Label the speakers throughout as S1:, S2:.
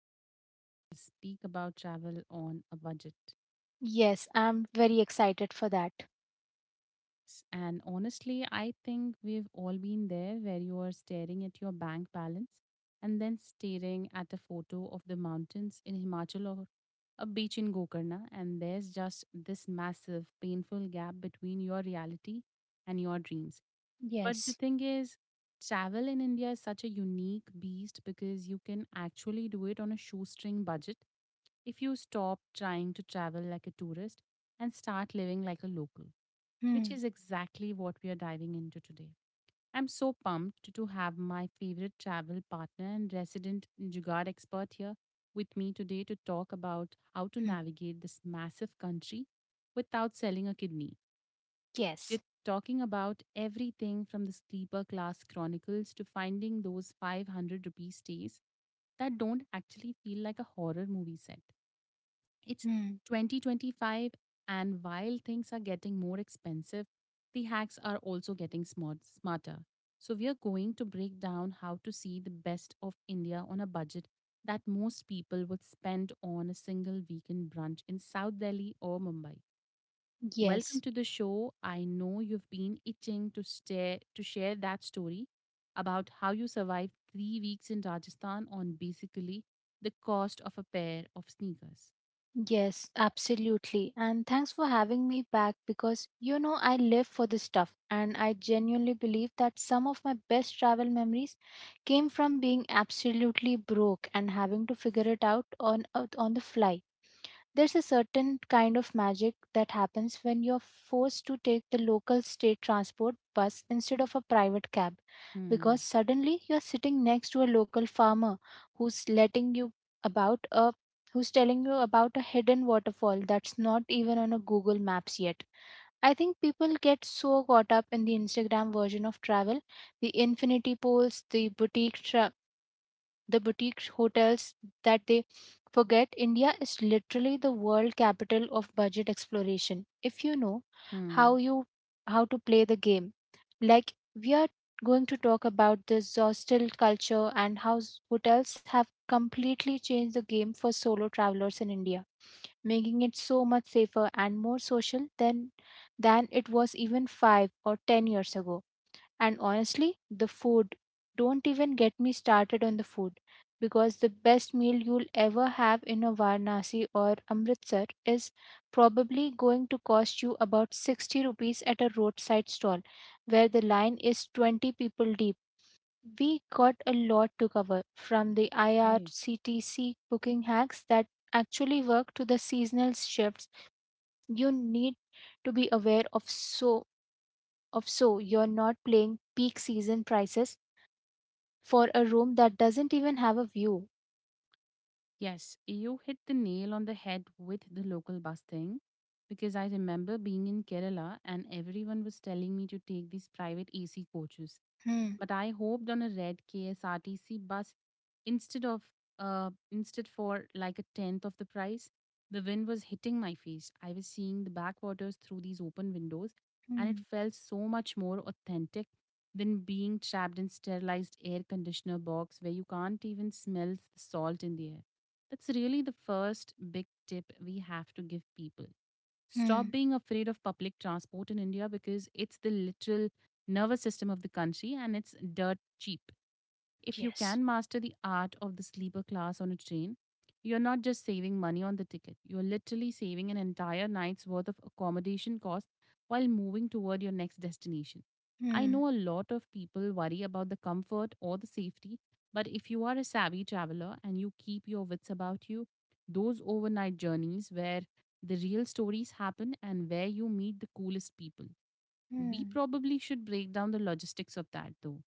S1: And today we will speak about travel on a budget.
S2: Yes, I'm very excited for that.
S1: And honestly, I think we've all been there where you are staring at your bank balance and then staring at a photo of the mountains in Himachal or a beach in Gokarna, and there's just this massive, painful gap between your reality and your dreams. But the
S2: Yes.
S1: thing is, travel in India is such a unique beast because you can actually do it on a shoestring budget if you stop trying to travel like a tourist and start living like a local, which
S2: Hmm.
S1: is exactly what we are diving into today. I'm so pumped to have my favorite travel partner and resident Jugaad expert here with me today to talk about how to
S2: Hmm.
S1: navigate this massive country without selling a kidney.
S2: Yes.
S1: We're talking about everything from the sleeper class chronicles to finding those 500 rupee stays that don't actually feel like a horror movie set. It's
S2: Hmm.
S1: 2025, and while things are getting more expensive, the hacks are also getting smarter. So, we are going to break down how to see the best of India on a budget that most people would spend on a single weekend brunch in South Delhi or Mumbai. Welcome
S2: Yes.
S1: to the show. I know you've been itching to share that story about how you survived 3 weeks in Rajasthan on basically the cost of a pair of sneakers.
S2: Yes, absolutely. And thanks for having me back because you know I live for this stuff, and I genuinely believe that some of my best travel memories came from being absolutely broke and having to figure it out on the fly. There's a certain kind of magic that happens when you're forced to take the local state transport bus instead of a private cab, because
S1: Hmm.
S2: suddenly you're sitting next to a local farmer who's letting you about a who's telling you about a hidden waterfall that's not even on a Google Maps yet. I think people get so caught up in the Instagram version of travel, the infinity pools, the boutique hotels, that they forget India is literally the world capital of budget exploration, if you know how
S1: Hmm.
S2: you how to play the game. Like, we are going to talk about the hostel culture and how hotels have completely changed the game for solo travelers in India, making it so much safer and more social than it was even 5 or 10 years ago. And honestly, the food. Don't even get me started on the food, because the best meal you'll ever have in a Varanasi or Amritsar is probably going to cost you about 60 rupees at a roadside stall where the line is 20 people deep. We got a lot to cover, from the
S1: Okay.
S2: IRCTC booking hacks that actually work to the seasonal shifts you need to be aware of so you're not playing peak season prices for a room that doesn't even have a view.
S1: Yes, you hit the nail on the head with the local bus thing because I remember being in Kerala and everyone was telling me to take these private AC coaches.
S2: Hmm.
S1: But I hoped on a red KSRTC bus instead of instead for, like, a tenth of the price. The wind was hitting my face. I was seeing the backwaters through these open windows, and it
S2: Hmm.
S1: felt so much more authentic than being trapped in sterilized air conditioner box where you can't even smell the salt in the air. That's really the first big tip we have to give people: stop
S2: Hmm.
S1: being afraid of public transport in India because it's the literal nervous system of the country, and it's dirt cheap. If you
S2: Yes.
S1: can master the art of the sleeper class on a train, you're not just saving money on the ticket, you're literally saving an entire night's worth of accommodation costs while moving toward your next destination. I
S2: Hmm.
S1: know a lot of people worry about the comfort or the safety, but if you are a savvy traveler and you keep your wits about you, those overnight journeys where the real stories happen and where you meet the coolest people. We
S2: Hmm.
S1: probably should break down the logistics of that though,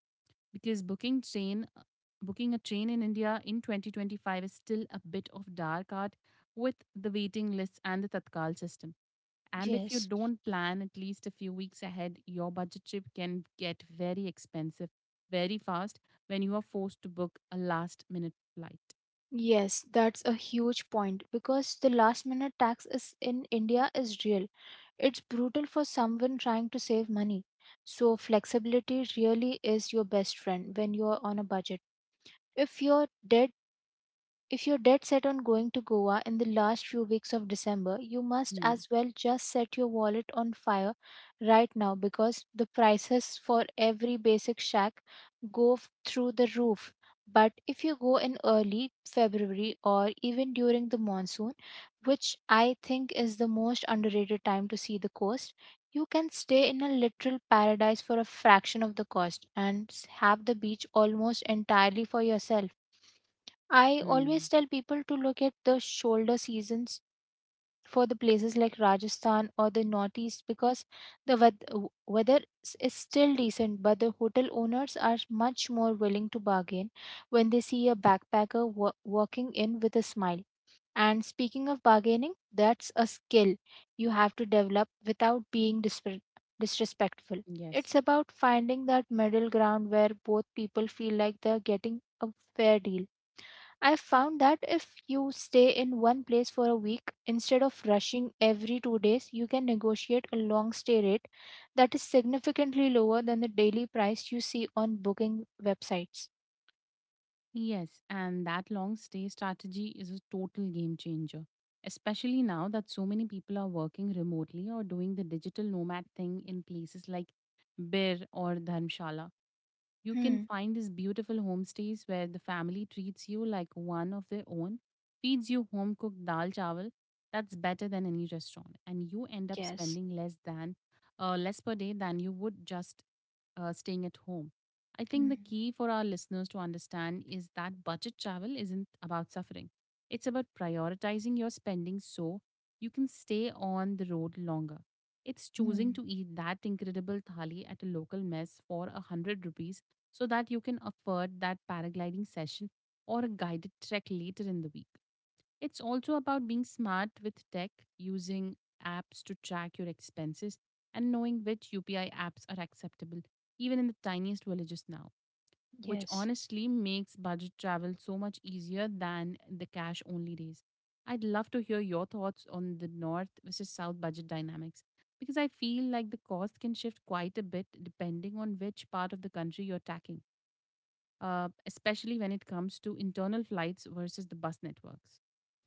S1: because booking a train in India in 2025 is still a bit of dark art with the waiting lists and the tatkal system. And if you
S2: Yes.
S1: don't plan at least a few weeks ahead, your budget trip can get very expensive very fast when you are forced to book a last minute flight.
S2: Yes, that's a huge point, because the last minute tax is in India is real. It's brutal for someone trying to save money. So flexibility really is your best friend when you're on a budget. If you're dead If you're dead set on going to Goa in the last few weeks of December, you must
S1: Hmm.
S2: as well just set your wallet on fire right now, because the prices for every basic shack through the roof. But if you go in early February or even during the monsoon, which I think is the most underrated time to see the coast, you can stay in a literal paradise for a fraction of the cost and have the beach almost entirely for yourself. I always
S1: Hmm.
S2: tell people to look at the shoulder seasons for the places like Rajasthan or the Northeast, because the weather is still decent, but the hotel owners are much more willing to bargain when they see a backpacker walking in with a smile. And speaking of bargaining, that's a skill you have to develop without being disrespectful.
S1: Yes.
S2: It's about finding that middle ground where both people feel like they're getting a fair deal. I've found that if you stay in one place for a week, instead of rushing every 2 days, you can negotiate a long stay rate that is significantly lower than the daily price you see on booking websites.
S1: Yes, and that long stay strategy is a total game changer, especially now that so many people are working remotely or doing the digital nomad thing in places like Bir or Dharmshala. You can
S2: Hmm.
S1: find these beautiful homestays where the family treats you like one of their own, feeds you home cooked dal chawal that's better than any restaurant, and you end up
S2: Yes.
S1: spending less per day than you would just staying at home. I think the
S2: Hmm.
S1: key for our listeners to understand is that budget travel isn't about suffering. It's about prioritizing your spending so you can stay on the road longer. It's choosing
S2: Hmm.
S1: to eat that incredible thali at a local mess for a 100 rupees so that you can afford that paragliding session or a guided trek later in the week. It's also about being smart with tech, using apps to track your expenses, and knowing which UPI apps are acceptable, even in the tiniest villages now, which
S2: Yes.
S1: honestly makes budget travel so much easier than the cash only days. I'd love to hear your thoughts on the North versus South budget dynamics because I feel like the cost can shift quite a bit depending on which part of the country you're attacking, especially when it comes to internal flights versus the bus networks.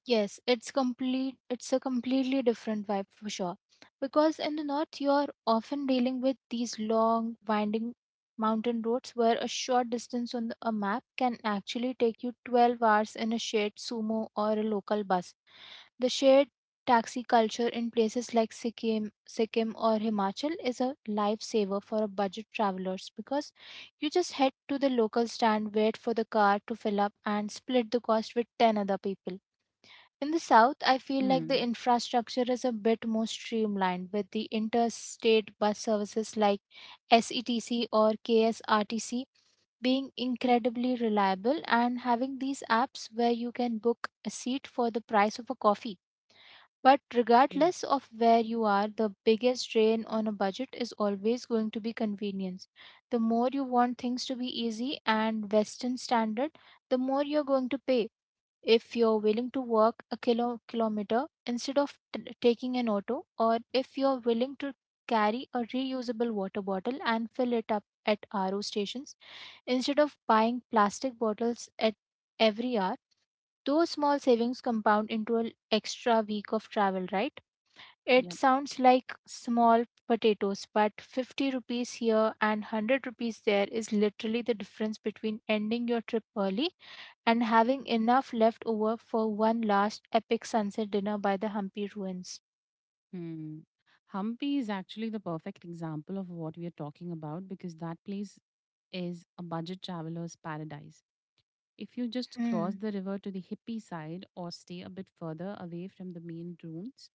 S2: Yes, it's a completely different vibe for sure. Because in the north you're often dealing with these long winding mountain roads where a short distance on a map can actually take you 12 hours in a shared sumo or a local bus. The shared taxi culture in places like Sikkim or Himachal is a lifesaver for a budget travelers, because you just head to the local stand, wait for the car to fill up, and split the cost with 10 other people. In the south, I feel like the
S1: Hmm.
S2: infrastructure is a bit more streamlined, with the interstate bus services like SETC or KSRTC being incredibly reliable and having these apps where you can book a seat for the price of a coffee. But
S1: Okay.
S2: regardless of where you are, the biggest drain on a budget is always going to be convenience. The more you want things to be easy and Western standard, the more you're going to pay. If you're willing to walk a kilometer instead of taking an auto, or if you're willing to carry a reusable water bottle and fill it up at RO stations instead of buying plastic bottles at every hour, those small savings compound into an extra week of travel, right? It
S1: Yep.
S2: sounds like small potatoes, but 50 rupees here and 100 rupees there is literally the difference between ending your trip early and having enough left over for one last epic sunset dinner by the Hampi ruins.
S1: Hmm. Hampi is actually the perfect example of what we are talking about because that place is a budget traveler's paradise. If you just cross
S2: Mm.
S1: the river to the hippie side or stay a bit further away from the main routes,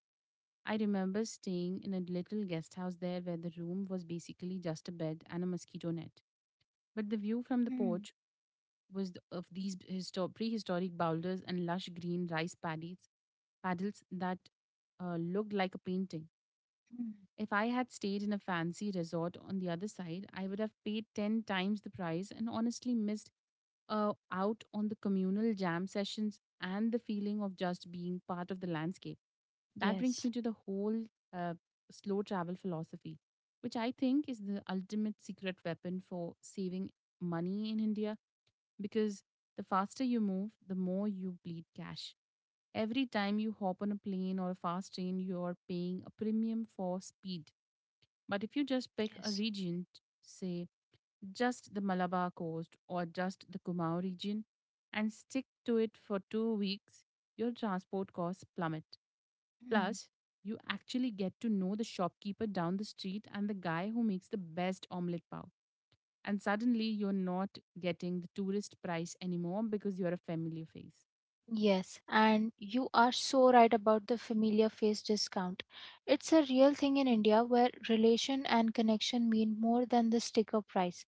S1: I remember staying in a little guest house there where the room was basically just a bed and a mosquito net. But the view from the
S2: Mm.
S1: porch was of these prehistoric boulders and lush green rice paddies, paddles that looked like a painting.
S2: Mm.
S1: If I had stayed in a fancy resort on the other side, I would have paid 10 times the price and honestly missed out on the communal jam sessions and the feeling of just being part of the landscape. That brings
S2: Yes,
S1: me to the whole uh, slow travel philosophy, which I think is the ultimate secret weapon for saving money in India because the faster you move, the more you bleed cash. Every time you hop on a plane or a fast train, you're paying a premium for speed, but if you just pick a
S2: yes.
S1: region, say just the Malabar coast or just the Kumau region, and stick to it for 2 weeks, your transport costs plummet.
S2: Mm.
S1: Plus, you actually get to know the shopkeeper down the street and the guy who makes the best omelette pav. And suddenly, you're not getting the tourist price anymore because you're a familiar face.
S2: Yes, and you are so right about the familiar face discount. It's a real thing in India where relation and connection mean more than the sticker price.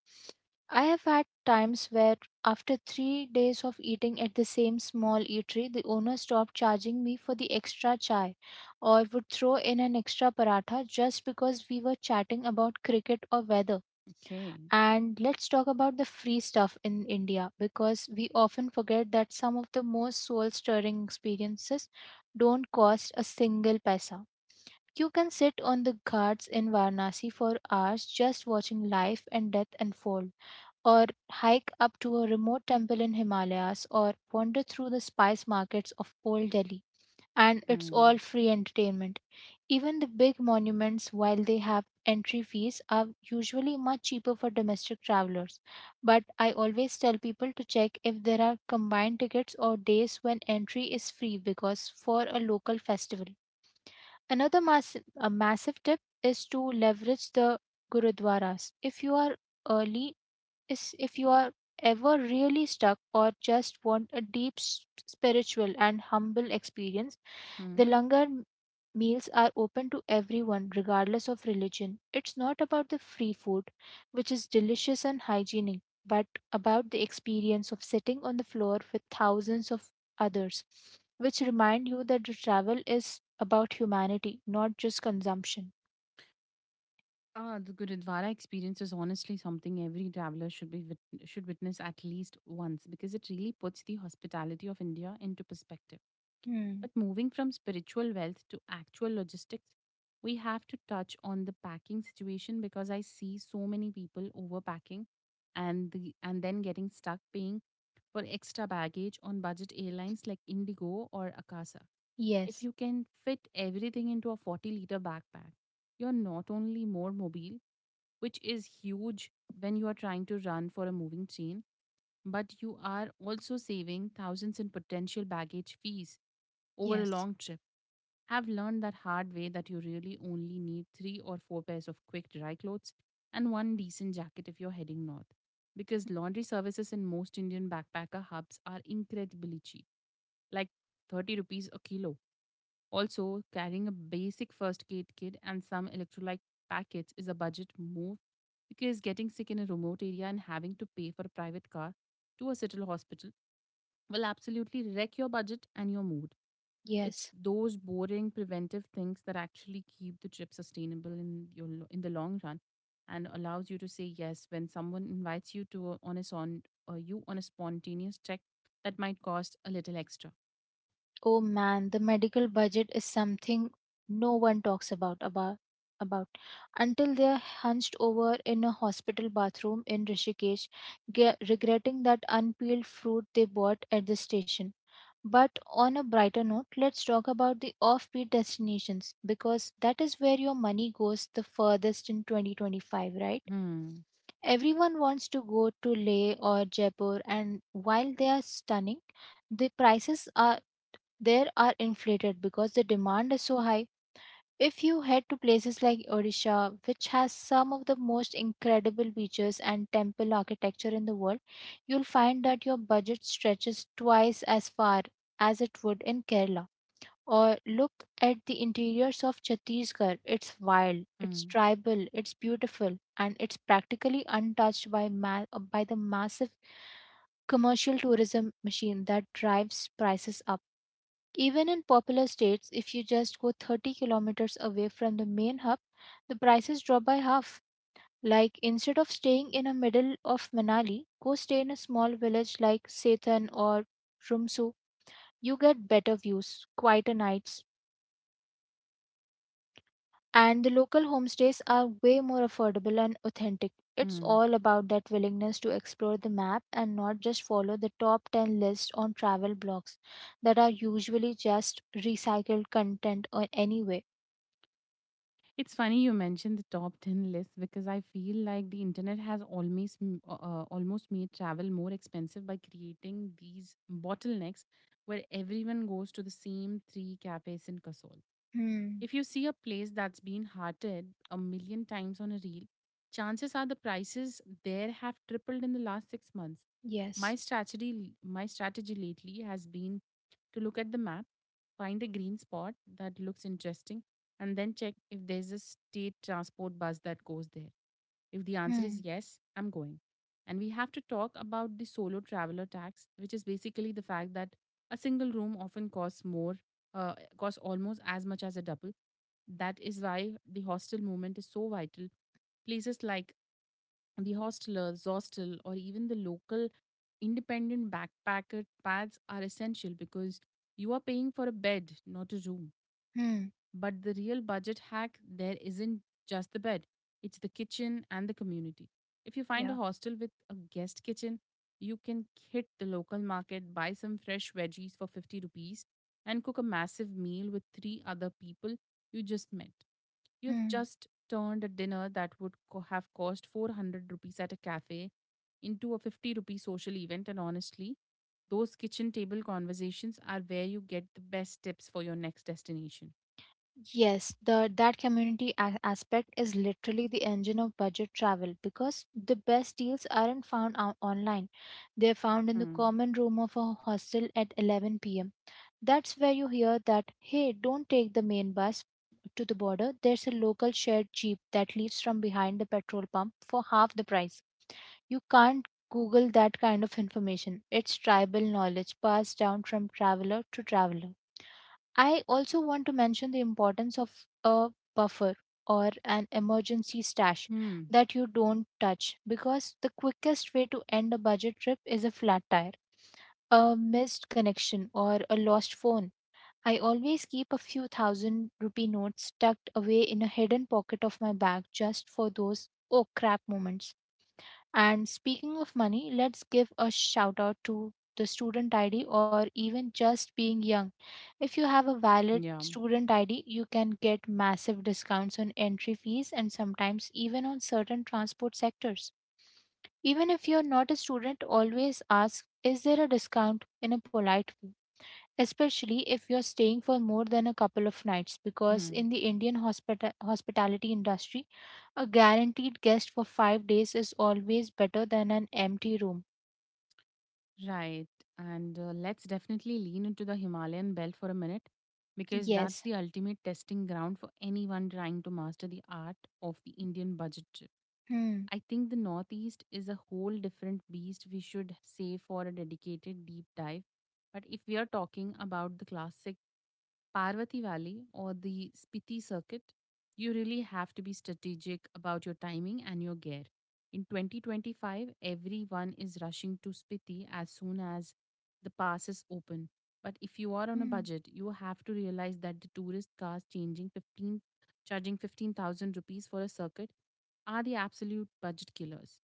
S2: I have had times where, after 3 days of eating at the same small eatery, the owner stopped charging me for the extra chai, or would throw in an extra paratha just because we were chatting about cricket or weather.
S1: Okay.
S2: And let's talk about the free stuff in India, because we often forget that some of the most soul stirring experiences don't cost a single paisa. You can sit on the ghats in Varanasi for hours just watching life and death unfold, or hike up to a remote temple in Himalayas, or wander through the spice markets of Old Delhi. And it's all
S1: Mm.
S2: free entertainment. Even the big monuments, while they have entry fees, are usually much cheaper for domestic travelers. But I always tell people to check if there are combined tickets or days when entry is free because for a local festival. Another a massive tip is to leverage the gurudwaras. If you are early, is if you are ever really stuck or just want a deep spiritual and humble experience,
S1: Hmm.
S2: the meals are open to everyone, regardless of religion. It's not about the free food, which is delicious and hygienic, but about the experience of sitting on the floor with thousands of others, which remind you that the travel is about humanity, not just consumption.
S1: Ah, the Gurudwara experience is honestly something every traveler should witness at least once because it really puts the hospitality of India into perspective.
S2: Hmm.
S1: But moving from spiritual wealth to actual logistics, we have to touch on the packing situation because I see so many people overpacking and then getting stuck paying for extra baggage on budget airlines like Indigo or Akasa. If
S2: Yes,
S1: you can fit everything into a 40-liter backpack, you're not only more mobile, which is huge when you are trying to run for a moving train, but you are also saving thousands in potential baggage fees over a
S2: yes,
S1: long trip. Have learned that hard way that you really only need three or four pairs of quick dry clothes and one decent jacket if you're heading north. Because laundry services in most Indian backpacker hubs are incredibly cheap, like 30 rupees a kilo. Also, carrying a basic first aid kit and some electrolyte packets is a budget move because getting sick in a remote area and having to pay for a private car to a city hospital will absolutely wreck your budget and your mood. It's
S2: yes.
S1: those boring preventive things that actually keep the trip sustainable in the long run and allows you to say yes when someone invites you to a, on a son, or you on a spontaneous check that might cost a little extra.
S2: Oh man, the medical budget is something no one talks about until they're hunched over in a hospital bathroom in Rishikesh, regretting that unpeeled fruit they bought at the station. But on a brighter note, let's talk about the offbeat destinations, because that is where your money goes the furthest in 2025, right?
S1: Hmm.
S2: Everyone wants to go to Leh or Jaipur, and while they are stunning, the prices are there are inflated because the demand is so high. If you head to places like Odisha, which has some of the most incredible beaches and temple architecture in the world, you'll find that your budget stretches twice as far as it would in Kerala. Or look at the interiors of Chhattisgarh. It's wild, it's
S1: Hmm.
S2: tribal, it's beautiful, and it's practically untouched by the massive commercial tourism machine that drives prices up. Even in popular states, if you just go 30 kilometers away from the main hub, the prices drop by half. Like, instead of staying in the middle of Manali, go stay in a small village like Sethan or Rumsu. You get better views, quieter nights, and the local homestays are way more affordable and authentic. It's
S1: Hmm.
S2: all about that willingness to explore the map and not just follow the top 10 list on travel blogs that are usually just recycled content or anyway.
S1: It's funny you mentioned the top 10 list because I feel like the internet has almost made travel more expensive by creating these bottlenecks where everyone goes to the same three cafes in Kasol.
S2: Hmm.
S1: If you see a place that's been hearted a million times on a reel, chances are the prices there have tripled in the last 6 months. My
S2: Yes.
S1: strategy my strategy lately has been to look at the map, find a green spot that looks interesting, and then check if there's a state transport bus that goes there. If the answer is
S2: Hmm.
S1: yes, I'm going. And we have to talk about the solo traveler tax, which is basically the fact that a single room often costs almost as much as a double. That is why the hostel movement is so vital. Places like the hostelers, hostel, or even the local independent backpacker pads are essential because you are paying for a bed, not a room.
S2: Hmm.
S1: But the real budget hack there isn't just the bed, it's the kitchen and the community. If you find a
S2: Yeah.
S1: hostel with a guest kitchen, you can hit the local market, buy some fresh veggies for 50 rupees, and cook a massive meal with three other people you just met. You've
S2: Hmm.
S1: just turned a dinner that would have cost 400 rupees at a cafe into a 50 rupee social event, and honestly, those kitchen table conversations are where you get the best tips for your next destination.
S2: Yes, the that community aspect is literally the engine of budget travel, because the best deals aren't found online. They're found in the
S1: Hmm.
S2: common room of a hostel at 11 p.m. That's where you hear that, hey, don't take the main bus to the border. There's a local shared jeep that leaves from behind the petrol pump for half the price. You can't Google that kind of information. It's tribal knowledge passed down from traveler to traveler. I also want to mention the importance of a buffer or an emergency stash
S1: Hmm.
S2: that you don't touch, because the quickest way to end a budget trip is a flat tire, a missed connection, or a lost phone. I always keep a few thousand rupee notes tucked away in a hidden pocket of my bag just for those oh crap moments. And speaking of money, let's give a shout out to the student ID, or even just being young. If you have a valid
S1: Yeah.
S2: student ID, you can get massive discounts on entry fees and sometimes even on certain transport sectors. Even if you're not a student, always ask, is there a discount in a polite way? Especially if you're staying for more than a couple of nights, because
S1: Hmm.
S2: in the Indian hospitality industry, a guaranteed guest for 5 days is always better than an empty room.
S1: Right. And Let's definitely lean into the Himalayan belt for a minute, because that's
S2: Yes.
S1: the ultimate testing ground for anyone trying to master the art of the Indian budget.
S2: Hmm.
S1: I think the Northeast is a whole different beast we should save for a dedicated deep dive. But if we are talking about the classic Parvati Valley or the Spiti circuit, you really have to be strategic about your timing and your gear. In 2025, everyone is rushing to Spiti as soon as the pass is open. But if you are on a
S2: Hmm.
S1: budget, you have to realize that the tourist cars charging 15,000 rupees for a circuit are the absolute budget killers.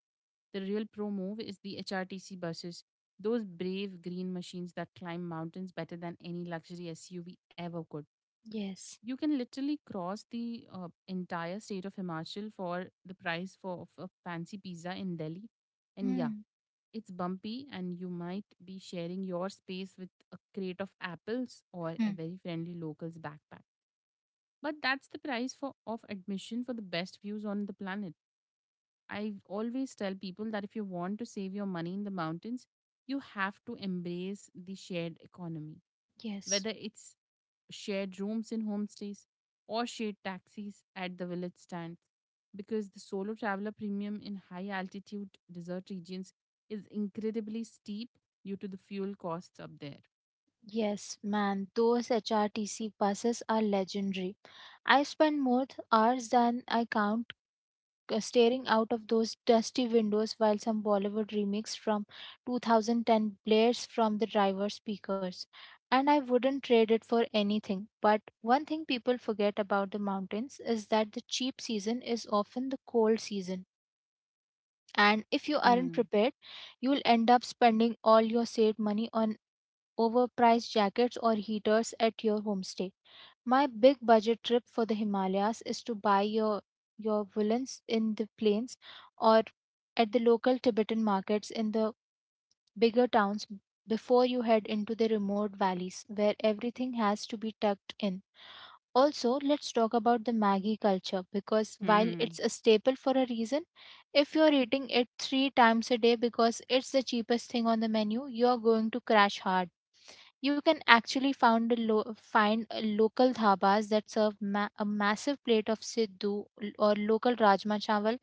S1: The real pro move is the HRTC buses, those brave green machines that climb mountains better than any luxury SUV ever could.
S2: Yes.
S1: You can literally cross the entire state of Himachal for the price of a fancy pizza in Delhi. And yeah,
S2: Hmm.
S1: it's bumpy, and you might be sharing your space with a crate of apples or a
S2: Hmm.
S1: very friendly local's backpack. But that's the price for of admission for the best views on the planet. I always tell people that if you want to save your money in the mountains, you have to embrace the shared economy,
S2: Yes.
S1: whether it's shared rooms in homestays or shared taxis at the village stands, because the solo traveler premium in high altitude desert regions is incredibly steep due to the fuel costs up there.
S2: Yes, man, those HRTC buses are legendary. I spend more hours than I count staring out of those dusty windows while some Bollywood remix from 2010 blares from the driver's speakers. And I wouldn't trade it for anything. But one thing people forget about the mountains is that the cheap season is often the cold season. And if you aren't
S1: Hmm.
S2: prepared, you'll end up spending all your saved money on overpriced jackets or heaters at your homestay. My big budget trip for the Himalayas is to buy your woolens in the plains or at the local Tibetan markets in the bigger towns before you head into the remote valleys where everything has to be tucked in. Also, let's talk about the Maggie culture because while it's
S1: Hmm.
S2: a staple for a reason, if you're eating it three times a day because it's the cheapest thing on the menu, you're going to crash hard. You can actually found a find a local dhabas that serve a massive plate of siddhu or local rajma chawal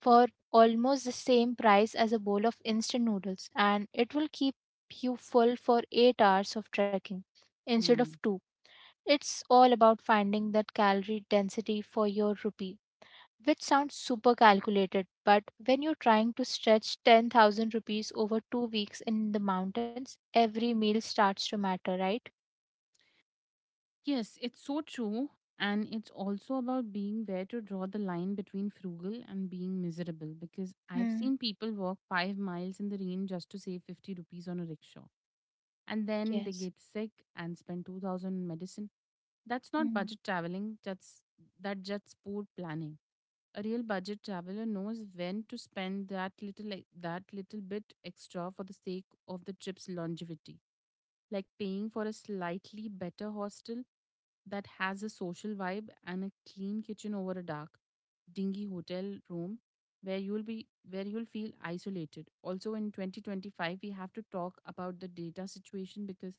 S2: for almost the same price as a bowl of instant noodles, and it will keep you full for 8 hours of trekking instead of
S1: Hmm.
S2: 2. It's all about finding that calorie density for your rupee, which sounds super calculated, but when you're trying to stretch 10,000 rupees over 2 weeks in the mountains, every meal starts to matter, right?
S1: Yes, it's so true. And it's also about being where to draw the line between frugal and being miserable, because I've
S2: Hmm.
S1: seen people walk 5 miles in the rain just to save 50 rupees on a rickshaw. And then they
S2: Yes.
S1: get sick and spend 2000 on medicine. That's not
S2: Mm.
S1: budget traveling, that's that just poor planning. A real budget traveler knows when to spend that little bit extra for the sake of the trip's longevity, like paying for a slightly better hostel that has a social vibe and a clean kitchen over a dark, dingy hotel room where you'll feel isolated. Also, in 2025 we have to talk about the data situation, because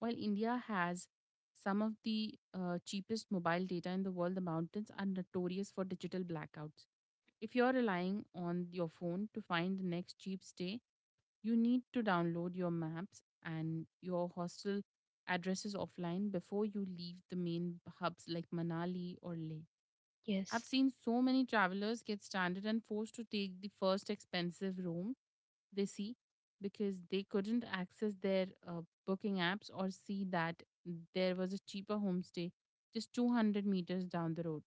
S1: while India has some of the cheapest mobile data in the world, the mountains are notorious for digital blackouts. If you're relying on your phone to find the next cheap stay, you need to download your maps and your hostel addresses offline before you leave the main hubs like Manali or Leh.
S2: Yes.
S1: I've seen so many travelers get stranded and forced to take the first expensive room they see because they couldn't access their booking apps or see that there was a cheaper homestay just 200 meters down the road.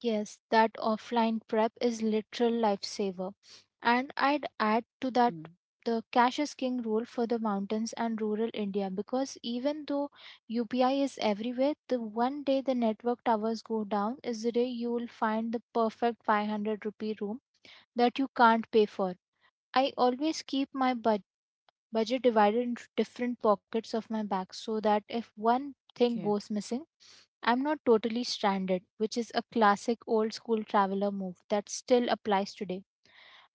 S2: Yes, that offline prep is literal lifesaver. And I'd add to that
S1: Mm.
S2: the cash is king rule for the mountains and rural India because even though UPI is everywhere, the one day the network towers go down is the day you will find the perfect 500 rupee room that you can't pay for. I always keep my budget divided into different pockets of my bag so that if one thing
S1: Okay.
S2: goes missing, I'm not totally stranded, which is a classic old school traveler move that still applies today.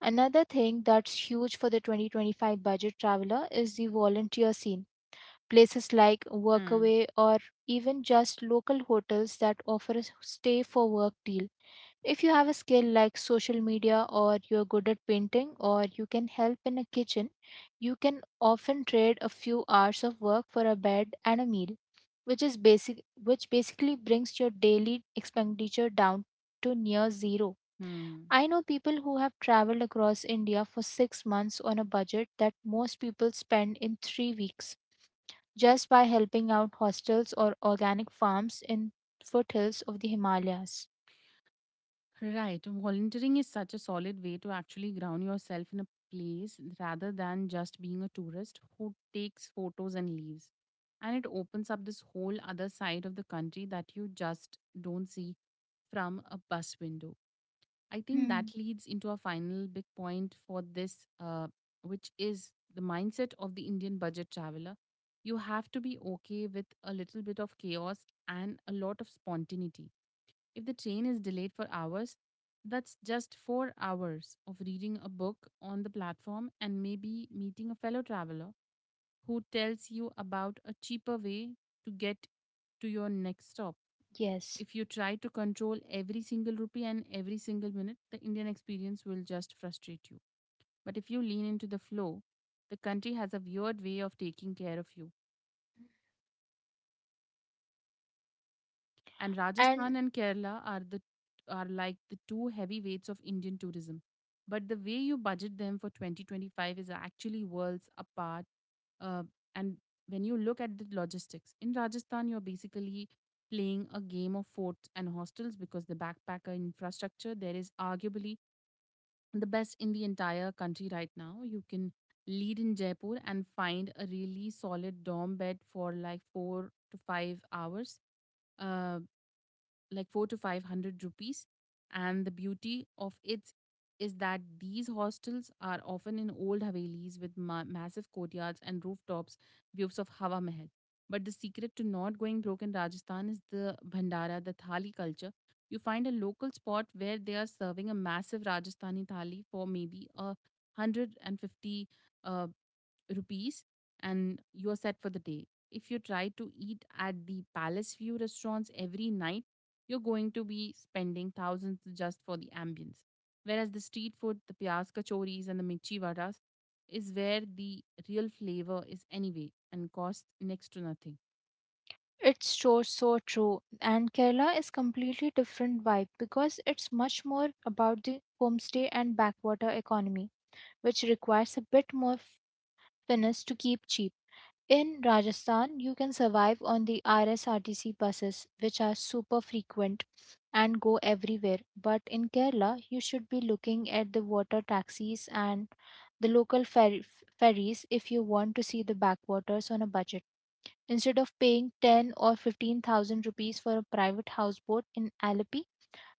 S2: Another thing that's huge for the 2025 budget traveler is the volunteer scene. Places like
S1: Mm.
S2: Workaway or even just local hotels that offer a stay for work deal, if you have a skill like social media or you're good at painting or you can help in a kitchen, you can often trade a few hours of work for a bed and a meal, which is basically brings your daily expenditure down to near zero.
S1: Hmm.
S2: I know people who have traveled across India for 6 months on a budget that most people spend in 3 weeks just by helping out hostels or organic farms in foothills of the Himalayas.
S1: Right. Volunteering is such a solid way to actually ground yourself in a place rather than just being a tourist who takes photos and leaves. And it opens up this whole other side of the country that you just don't see from a bus window. I think that
S2: Hmm,
S1: leads into a final big point for this, which is the mindset of the Indian budget traveler. You have to be okay with a little bit of chaos and a lot of spontaneity. If the train is delayed for hours, that's just 4 hours of reading a book on the platform and maybe meeting a fellow traveler who tells you about a cheaper way to get to your next stop.
S2: yes.
S1: If you try to control every single rupee and every single minute, the Indian experience will just frustrate you. But if you lean into the flow, the country has a weird way of taking care of you. And Rajasthan
S2: And
S1: and Kerala are like the two heavyweights of Indian tourism. But the way you budget them for 2025 is actually worlds apart. Uh, and when you look at the logistics in Rajasthan, you're basically playing a game of forts and hostels, because the backpacker infrastructure there is arguably the best in the entire country right now. You can lead in Jaipur and find a really solid dorm bed for like 4 to 5 hours. Uh, like 4 to 500 rupees, and the beauty of it is that these hostels are often in old havelis with massive courtyards and rooftops views of Hawa Mahal. But the secret to not going broke in Rajasthan is the bhandara, the thali culture. You find a local spot where they are serving a massive Rajasthani thali for maybe a 150 uh, rupees, and you are set for the day. If you try to eat at the Palace View restaurants every night, you're going to be spending thousands just for the ambience. Whereas the street food, the pyas kachoris and the mirchi vadas, is where the real flavor is anyway, and costs next to nothing.
S2: it's so so true, and Kerala is completely different vibe because it's much more about the homestay and backwater economy, which requires a bit more finesse to keep cheap. In Rajasthan you can survive on the RSRTC buses, which are super frequent and go everywhere, but in Kerala you should be looking at the water taxis and the local ferries if you want to see the backwaters on a budget. Instead of paying 10 or 15,000 rupees for a private houseboat in Alleppey,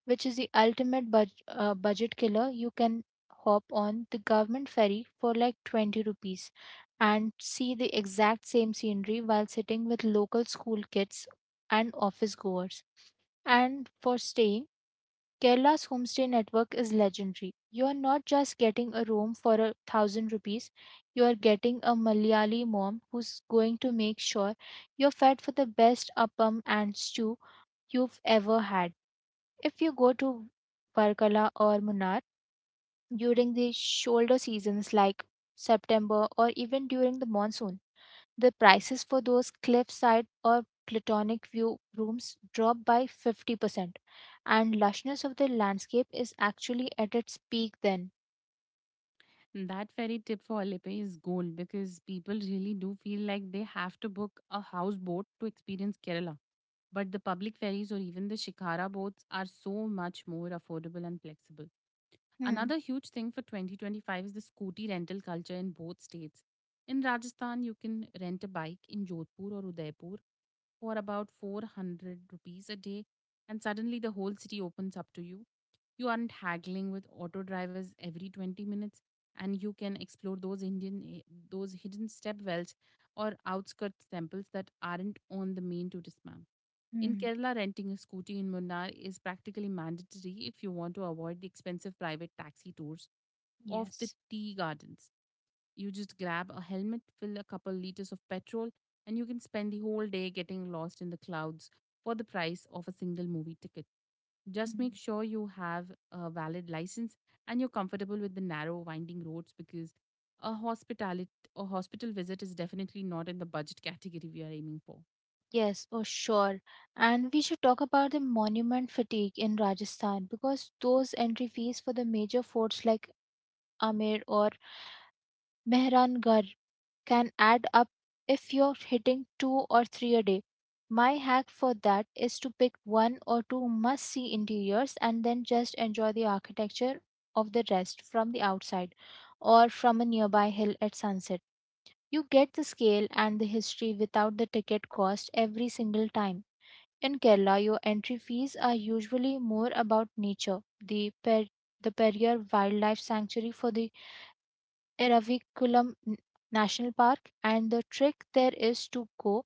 S2: which is the ultimate budget killer, you can hop on the government ferry for like 20 rupees and see the exact same scenery while sitting with local school kids and office goers. And for staying, Kerala's homestay network is legendary. You are not just getting a room for 1,000 rupees, you are getting a Malayali mom who's going to make sure you're fed for the best appam and stew you've ever had. If you go to Varkala or Munnar during the shoulder seasons like September or even during the monsoon, the prices for those cliffside or platonic view rooms drop by 50%, and lushness of the landscape is actually at its peak then.
S1: That ferry tip for Alipe is gold, because people really do feel like they have to book a houseboat to experience Kerala. But the public ferries or even the Shikara boats are so much more affordable and flexible.
S2: Hmm.
S1: Another huge thing for 2025 is the scooty rental culture in both states. In Rajasthan, you can rent a bike in Jodhpur or Udaipur for about 400 rupees a day, and suddenly the whole city opens up to you. You aren't haggling with auto drivers every 20 minutes, and you can explore those hidden step wells or outskirts temples that aren't on the main tourist map. In
S2: Hmm.
S1: Kerala, renting a scooty in Munnar is practically mandatory if you want to avoid the expensive private taxi tours of the
S2: Yes.
S1: tea gardens. You just grab a helmet, fill a couple liters of petrol, and you can spend the whole day getting lost in the clouds for the price of a single movie ticket. Just make
S2: Hmm.
S1: sure you have a valid license and you're comfortable with the narrow, winding roads, because a hospitality or hospital visit is definitely not in the budget category we are aiming for.
S2: Yes, oh sure. And we should talk about the monument fatigue in Rajasthan because those entry fees for the major forts like Amer or Mehrangarh can add up if you're hitting two or three a day. My hack for that is to pick one or two must see interiors and then just enjoy the architecture of the rest from the outside or from a nearby hill at sunset. You get the scale and the history without the ticket cost every single time. In Kerala, your entry fees are usually more about nature, the Periyar Wildlife Sanctuary for the Eraviculam N- National Park, and the trick there is to go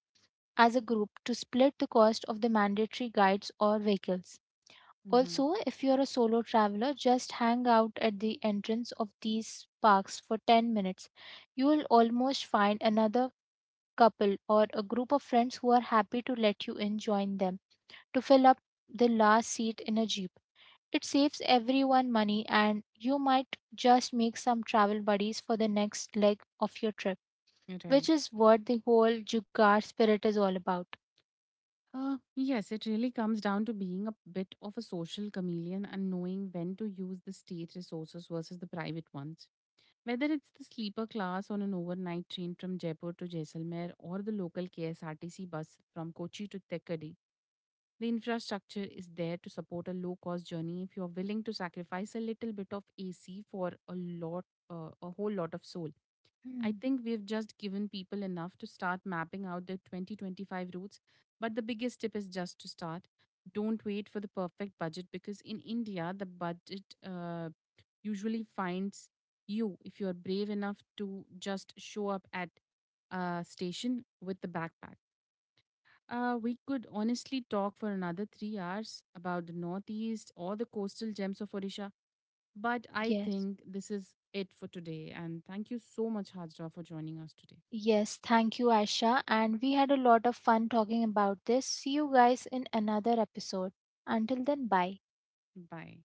S2: as a group to split the cost of the mandatory guides or vehicles.
S1: Mm-hmm.
S2: Also, if you're a solo traveler, just hang out at the entrance of these parks for 10 minutes. You will almost find another couple or a group of friends who are happy to let you in join them to fill up the last seat in a jeep. It saves everyone money, and you might just make some travel buddies for the next leg of your trip,
S1: Right.
S2: which is what the whole Jugaad spirit is all about.
S1: Yes, it really comes down to being a bit of a social chameleon and knowing when to use the state resources versus the private ones. Whether it's the sleeper class on an overnight train from Jaipur to Jaisalmer or the local KSRTC bus from Kochi to Thekkady, the infrastructure is there to support a low cost journey if you're willing to sacrifice a little bit of AC for a whole lot of soul. I
S2: Hmm,
S1: think we've just given people enough to start mapping out their 2025 routes, but the biggest tip is just to start. Don't wait for the perfect budget, because in India, the budget usually finds you if you're brave enough to just show up at a station with the backpack. We could honestly talk for another 3 hours about the Northeast or the coastal gems of Odisha, but I
S2: yes.
S1: think this is it for today. And thank you so much, Hajra, for joining us today.
S2: Yes, thank you, Aisha. And we had a lot of fun talking about this. See you guys in another episode. Until then, bye.
S1: Bye.